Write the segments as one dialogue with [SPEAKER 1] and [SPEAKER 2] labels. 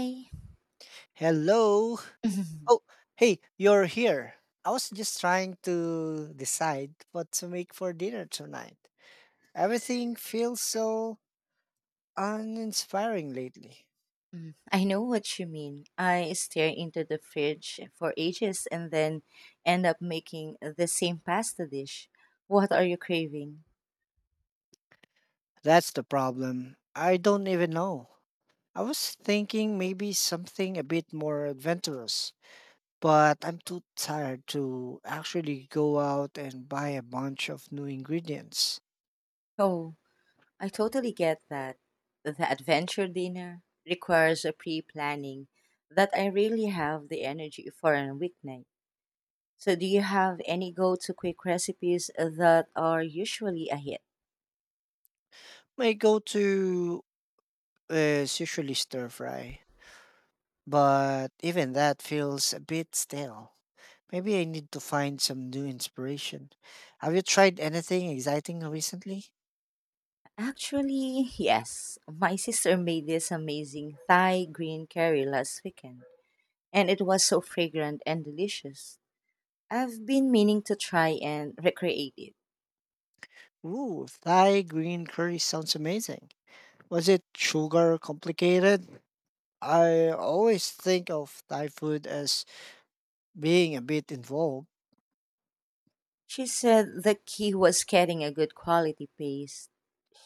[SPEAKER 1] I
[SPEAKER 2] Hello. Oh, hey, you're here. I was just trying to decide what to make for dinner tonight. Everything feels so uninspiring lately.
[SPEAKER 1] Mm, I know what you mean. I stare into the fridge for ages and then end up making the same pasta dish. What are you craving?
[SPEAKER 2] That's the problem. I don't even know. I was thinking maybe something a bit more adventurous, but I'm too tired to actually go out and buy a bunch of new ingredients.
[SPEAKER 1] Oh, I totally get that. The adventure dinner requires a pre planning that I really have the energy for on a weeknight. So, do you have any go to quick recipes that are usually a hit?
[SPEAKER 2] My go-to is usually stir fry, but even that feels a bit stale. Maybe I need to find some new inspiration. Have you tried anything exciting recently?
[SPEAKER 1] Actually, yes. My sister made this amazing Thai green curry last weekend, and it was so fragrant and delicious. I've been meaning to try and recreate it.
[SPEAKER 2] Ooh, Thai green curry sounds amazing. Was it sugar complicated? I always think of Thai food as being a bit involved.
[SPEAKER 1] She said the key was getting a good quality paste.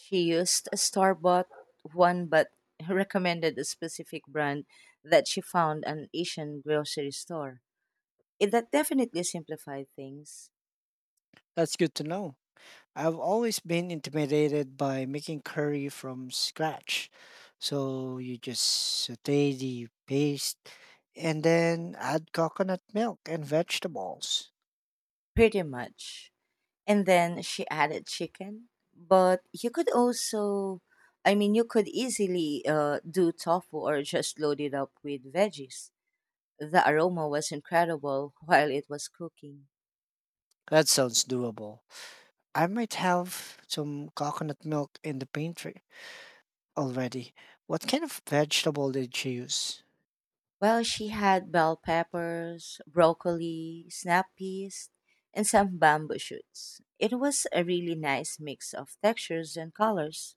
[SPEAKER 1] She used a store bought one, but recommended a specific brand that she found an Asian grocery store. It that definitely simplified things
[SPEAKER 2] That's good to know. I've always been intimidated by making curry from scratch. So you just saute the paste and then add coconut milk and vegetables.
[SPEAKER 1] pretty much. And then she added chicken. But you could also, you could easily do tofu or just load it up with veggies. The aroma was incredible while it was cooking.
[SPEAKER 2] That sounds doable. I might have some coconut milk in the pantry already. What kind of vegetable did you use?
[SPEAKER 1] Well, she had bell peppers, broccoli, snap peas, and some bamboo shoots. It was a really nice mix of textures and colors.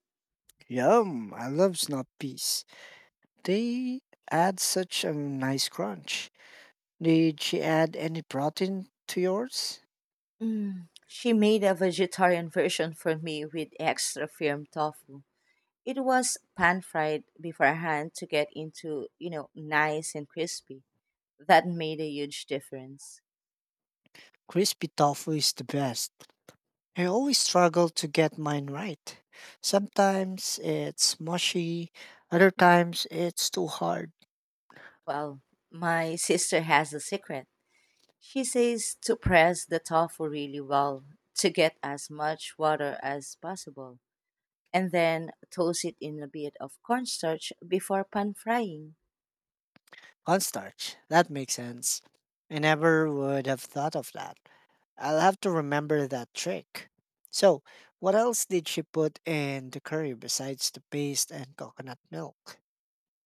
[SPEAKER 2] Yum, I love snap peas. They add such a nice crunch. Did she add any protein to yours?
[SPEAKER 1] Mm, she made a vegetarian version for me with extra firm tofu. It was pan fried beforehand to get into, nice and crispy. That made a huge difference.
[SPEAKER 2] Crispy tofu is the best. I always struggle to get mine right. Sometimes it's mushy, other times it's too hard.
[SPEAKER 1] Well, my sister has a secret. She says to press the tofu really well to get as much water as possible, and then toast it in a bit of cornstarch before pan frying.
[SPEAKER 2] Cornstarch, that makes sense. I never would have thought of that. I'll have to remember that trick. So, what else did she put in the curry besides the paste and coconut milk?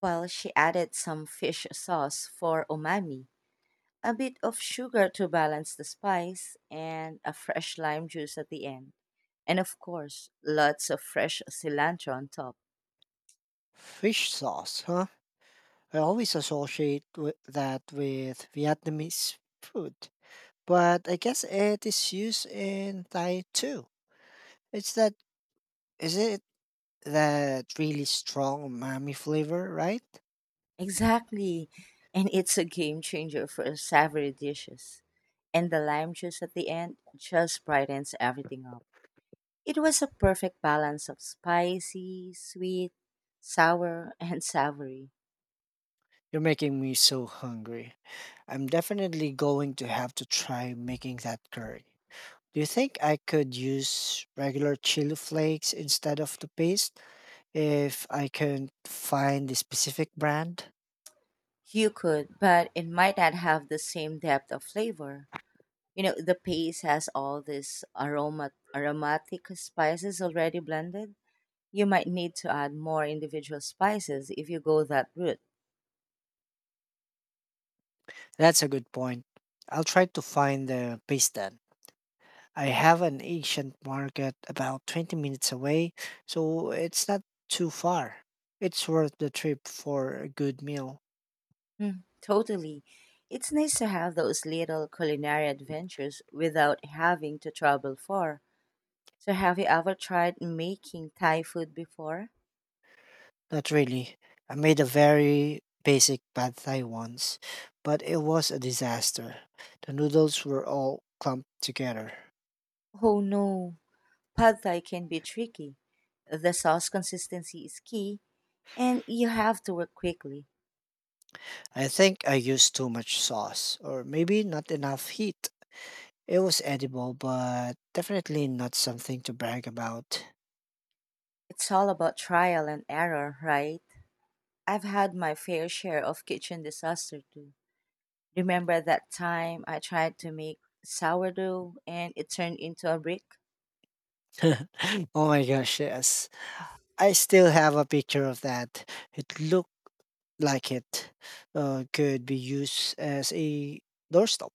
[SPEAKER 1] Well, she added some fish sauce for umami, a bit of sugar to balance the spice, and a fresh lime juice at the end. And of course, lots of fresh cilantro on top.
[SPEAKER 2] Fish sauce, huh? I always associate with that with Vietnamese food, but I guess it is used in Thai too. It's that is it that really strong umami flavor, right?
[SPEAKER 1] Exactly. And it's a game changer for savory dishes. And the lime juice at the end just brightens everything up. It was a perfect balance of spicy, sweet, sour, and savory.
[SPEAKER 2] You're making me so hungry. I'm definitely going to have to try making that curry. Do you think I could use regular chili flakes instead of the paste if I can find the specific brand?
[SPEAKER 1] You could, but it might not have the same depth of flavor. You know, the paste has all these aromatic spices already blended. You might need to add more individual spices if you go that route.
[SPEAKER 2] That's a good point. I'll try to find the paste then. I have an Asian market about 20 minutes away, so it's not too far. It's worth the trip for a good meal.
[SPEAKER 1] Mm, totally. It's nice to have those little culinary adventures without having to travel far. So, have you ever tried making Thai food before?
[SPEAKER 2] Not really. I made a very basic pad thai once, but it was a disaster. The noodles were all clumped together.
[SPEAKER 1] Oh no, pad Thai can be tricky. The sauce consistency is key, and you have to work quickly.
[SPEAKER 2] I think I used too much sauce, or maybe not enough heat. It was edible, but definitely not something to brag about.
[SPEAKER 1] It's all about trial and error, right? I've had my fair share of kitchen disaster too. Remember that time I tried to make sourdough and it turned into a brick?
[SPEAKER 2] Oh my gosh, yes. I still have a picture of that. It looked like it could be used as a doorstop.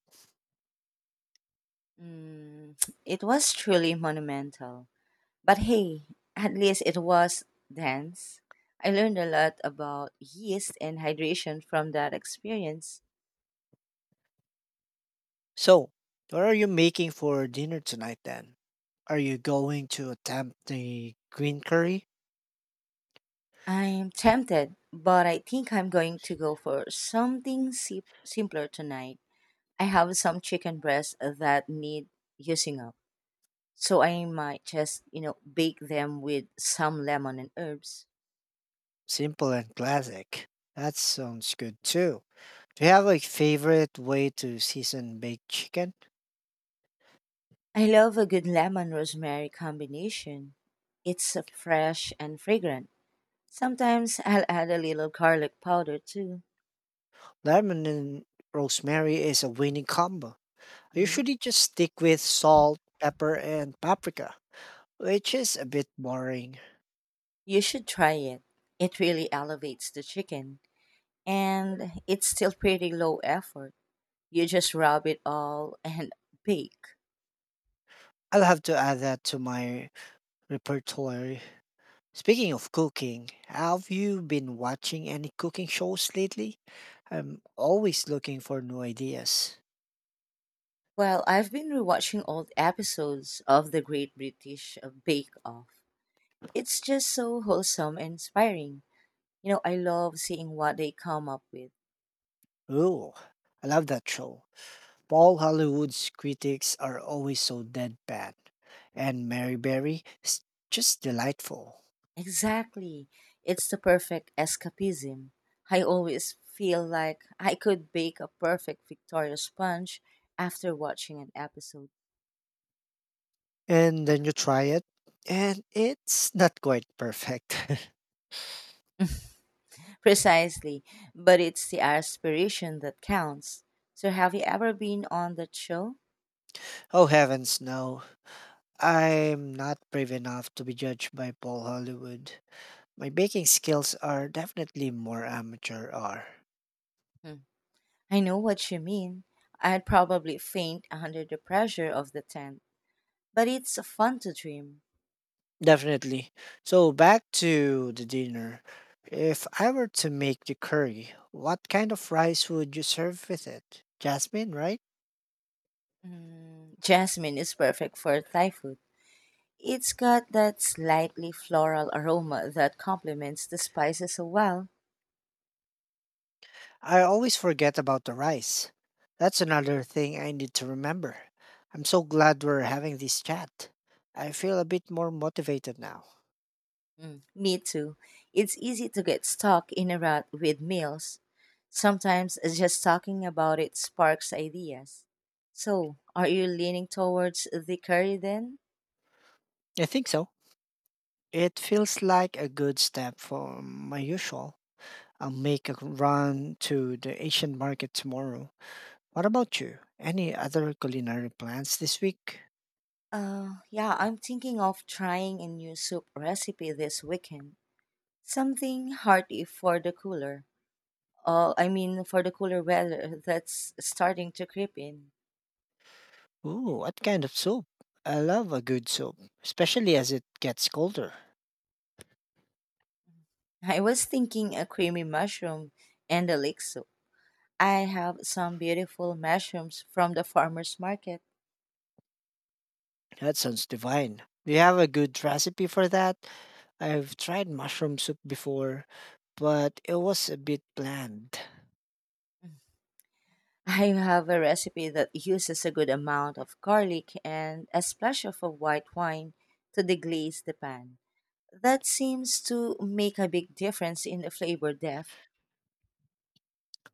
[SPEAKER 1] Mm, it was truly monumental. But hey, at least it was dense. I learned a lot about yeast and hydration from that experience.
[SPEAKER 2] So, what are you making for dinner tonight then? Are you going to attempt the green curry?
[SPEAKER 1] I'm tempted, but I think I'm going to go for something simpler tonight. I have some chicken breasts that need using up. So I might just, bake them with some lemon and herbs.
[SPEAKER 2] Simple and classic. That sounds good too. Do you have like favorite way to season baked chicken?
[SPEAKER 1] I love a good lemon rosemary combination. It's fresh and fragrant. Sometimes I'll add a little garlic powder too.
[SPEAKER 2] Lemon and rosemary is a winning combo. I
[SPEAKER 1] Hmm.
[SPEAKER 2] usually just stick with salt, pepper, and paprika, which is a bit boring.
[SPEAKER 1] You should try it. It really elevates the chicken and it's still pretty low effort. You just rub it all and bake.
[SPEAKER 2] I'll have to add that to my repertoire. Speaking of cooking, have you been watching any cooking shows lately? I'm always looking for new ideas.
[SPEAKER 1] Well, I've been rewatching old episodes of the Great British Bake Off. It's just so wholesome and inspiring. You know, I love seeing what they come up with.
[SPEAKER 2] Ooh, I love that show. Paul Hollywood's critics are always so deadpan, and Mary Berry is just delightful.
[SPEAKER 1] Exactly. It's the perfect escapism. I always feel like I could bake a perfect Victoria sponge after watching an episode.
[SPEAKER 2] And then you try it, and it's not quite perfect.
[SPEAKER 1] Precisely. But it's the aspiration that counts. So, have you ever been on that show?
[SPEAKER 2] Oh heavens, no. I'm not brave enough to be judged by Paul Hollywood. My baking skills are definitely more amateur or
[SPEAKER 1] Hmm. I know what you mean. I'd probably faint under the pressure of the tent, but it's fun to dream.
[SPEAKER 2] definitely. So back to the dinner. If I were to make the curry, what kind of rice would you serve with it? Jasmine, right?
[SPEAKER 1] Mm, Jasmine is perfect for Thai food. It's got that slightly floral aroma that complements the spices so well.
[SPEAKER 2] I always forget about the rice. That's another thing I need to remember. I'm so glad we're having this chat. I feel a bit more motivated now.
[SPEAKER 1] Mm, me too. It's easy to get stuck in a rut with meals. Sometimes just talking about it sparks ideas. So, are you leaning towards the curry then?
[SPEAKER 2] I think so. It feels like a good step from my usual. I'll make a run to the Asian market tomorrow. What about you? Any other culinary plans this week?
[SPEAKER 1] Yeah, I'm thinking of trying a new soup recipe this weekend. Something hearty for the cooler. Oh, I mean, for the cooler weather that's starting to creep in.
[SPEAKER 2] Ooh, what kind of soup? I love a good soup, especially as it gets colder.
[SPEAKER 1] I was thinking a creamy mushroom and a lake soup. I have some beautiful mushrooms from the farmer's market.
[SPEAKER 2] That sounds divine. Do you have a good recipe for that? I've tried mushroom soup before, but it was a bit bland.
[SPEAKER 1] I have a recipe that uses a good amount of garlic and a splash of a white wine to deglaze the pan. That seems to make a big difference in the flavor depth.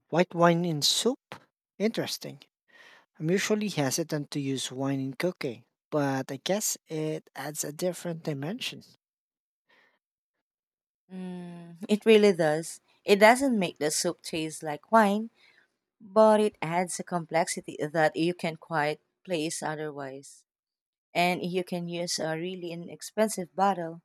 [SPEAKER 2] White wine in soup? Interesting. I'm usually hesitant to use wine in cooking, but I guess it adds a different dimension.
[SPEAKER 1] Mm, it really does. It doesn't make the soup taste like wine, but it adds a complexity that you can quite place otherwise. And you can use a really inexpensive bottle.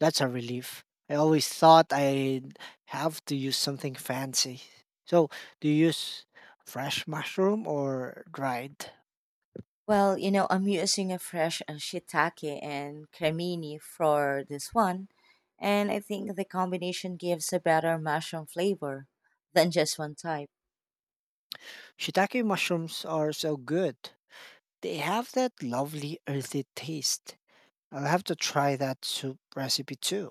[SPEAKER 2] That's a relief. I always thought I'd have to use something fancy. So, do you use fresh mushroom or dried?
[SPEAKER 1] Well, you know, I'm using a fresh shiitake and cremini for this one, and I think the combination gives a better mushroom flavor than just one type.
[SPEAKER 2] Shiitake mushrooms are so good. They have that lovely earthy taste. I'll have to try that soup recipe too.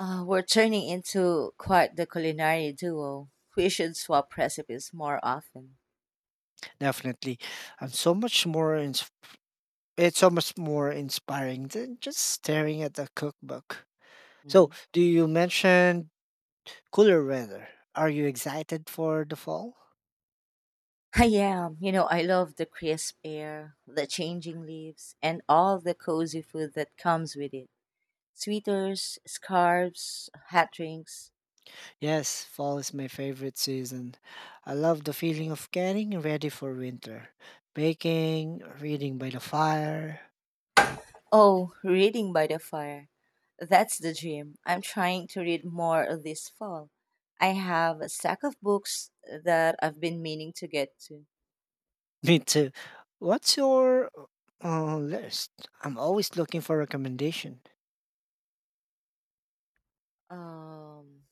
[SPEAKER 1] We're turning into quite the culinary duo. We should swap recipes more often.
[SPEAKER 2] Definitely. I'm so much more ins- it's so much more inspiring than just staring at a cookbook. So,
[SPEAKER 1] Mhm.
[SPEAKER 2] do you mention cooler weather? Are you excited for the fall?
[SPEAKER 1] I am. You know, I love the crisp air, the changing leaves, and all the cozy food that comes with it. Sweaters, scarves, hot drinks.
[SPEAKER 2] Yes, fall is my favorite season. I love the feeling of getting ready for winter. Baking, reading by the fire.
[SPEAKER 1] Oh, reading by the fire. That's the dream. I'm trying to read more this fall. I have a stack of books that I've been meaning to get to.
[SPEAKER 2] Me too. What's your list? I'm always looking for recommendation.
[SPEAKER 1] Um,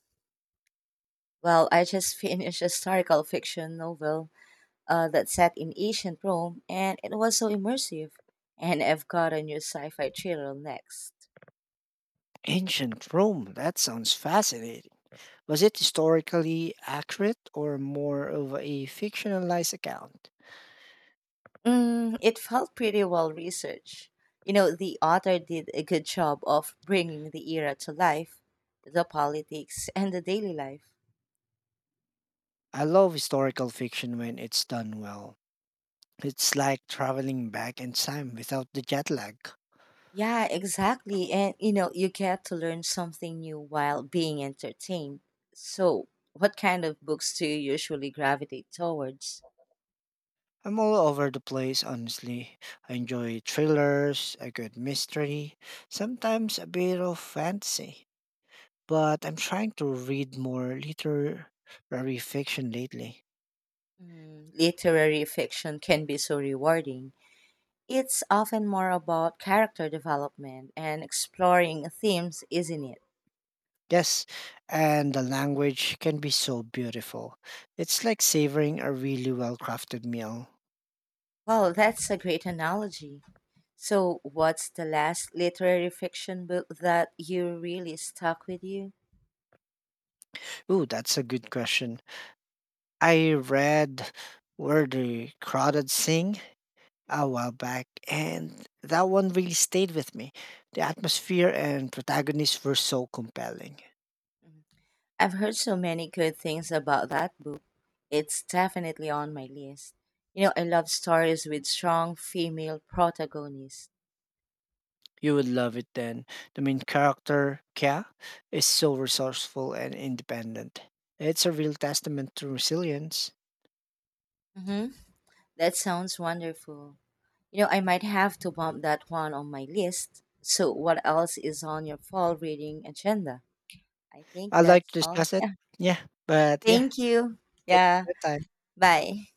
[SPEAKER 1] well, I just finished a historical fiction novel that set in ancient Rome, and it was so immersive. And I've got a new sci fi thriller next.
[SPEAKER 2] Ancient Rome, that sounds fascinating. Was it historically accurate or more of a fictionalized account?
[SPEAKER 1] Mm, it felt pretty well researched. You know, the author did a good job of bringing the era to life, the politics, and the daily life.
[SPEAKER 2] I love historical fiction when it's done well. It's like traveling back in time without the jet lag.
[SPEAKER 1] Yeah, exactly. And, you know, you get to learn something new while being entertained. So, what kind of books do you usually gravitate towards?
[SPEAKER 2] I'm all over the place, honestly. I enjoy thrillers, a good mystery, sometimes a bit of fantasy. But I'm trying to read more literary fiction lately.
[SPEAKER 1] Mm, literary fiction can be so rewarding. It's often more about character development and exploring themes, isn't it?
[SPEAKER 2] Yes, and the language can be so beautiful. It's like savoring a really well crafted meal.
[SPEAKER 1] Well, that's a great analogy. So, what's the last literary fiction book that you really stuck with you?
[SPEAKER 2] Ooh, that's a good question. I read Where the Crowded Sing a while back, and that one really stayed with me. The atmosphere and protagonists were so compelling.
[SPEAKER 1] Mhm. I've heard so many good things about that book. It's definitely on my list. You know, I love stories with strong female protagonists.
[SPEAKER 2] You would love it then. The main character, Kya, is so resourceful and independent. It's a real testament to resilience.
[SPEAKER 1] Hmm. That sounds wonderful. You know, I might have to bump that one on my list. So, what else is on your fall reading agenda? I think
[SPEAKER 2] I'd like
[SPEAKER 1] that's
[SPEAKER 2] to
[SPEAKER 1] all.
[SPEAKER 2] discuss it.
[SPEAKER 1] Yeah.
[SPEAKER 2] Yeah, but yeah,
[SPEAKER 1] Thank you.
[SPEAKER 2] take
[SPEAKER 1] Yeah.
[SPEAKER 2] your time.
[SPEAKER 1] Bye.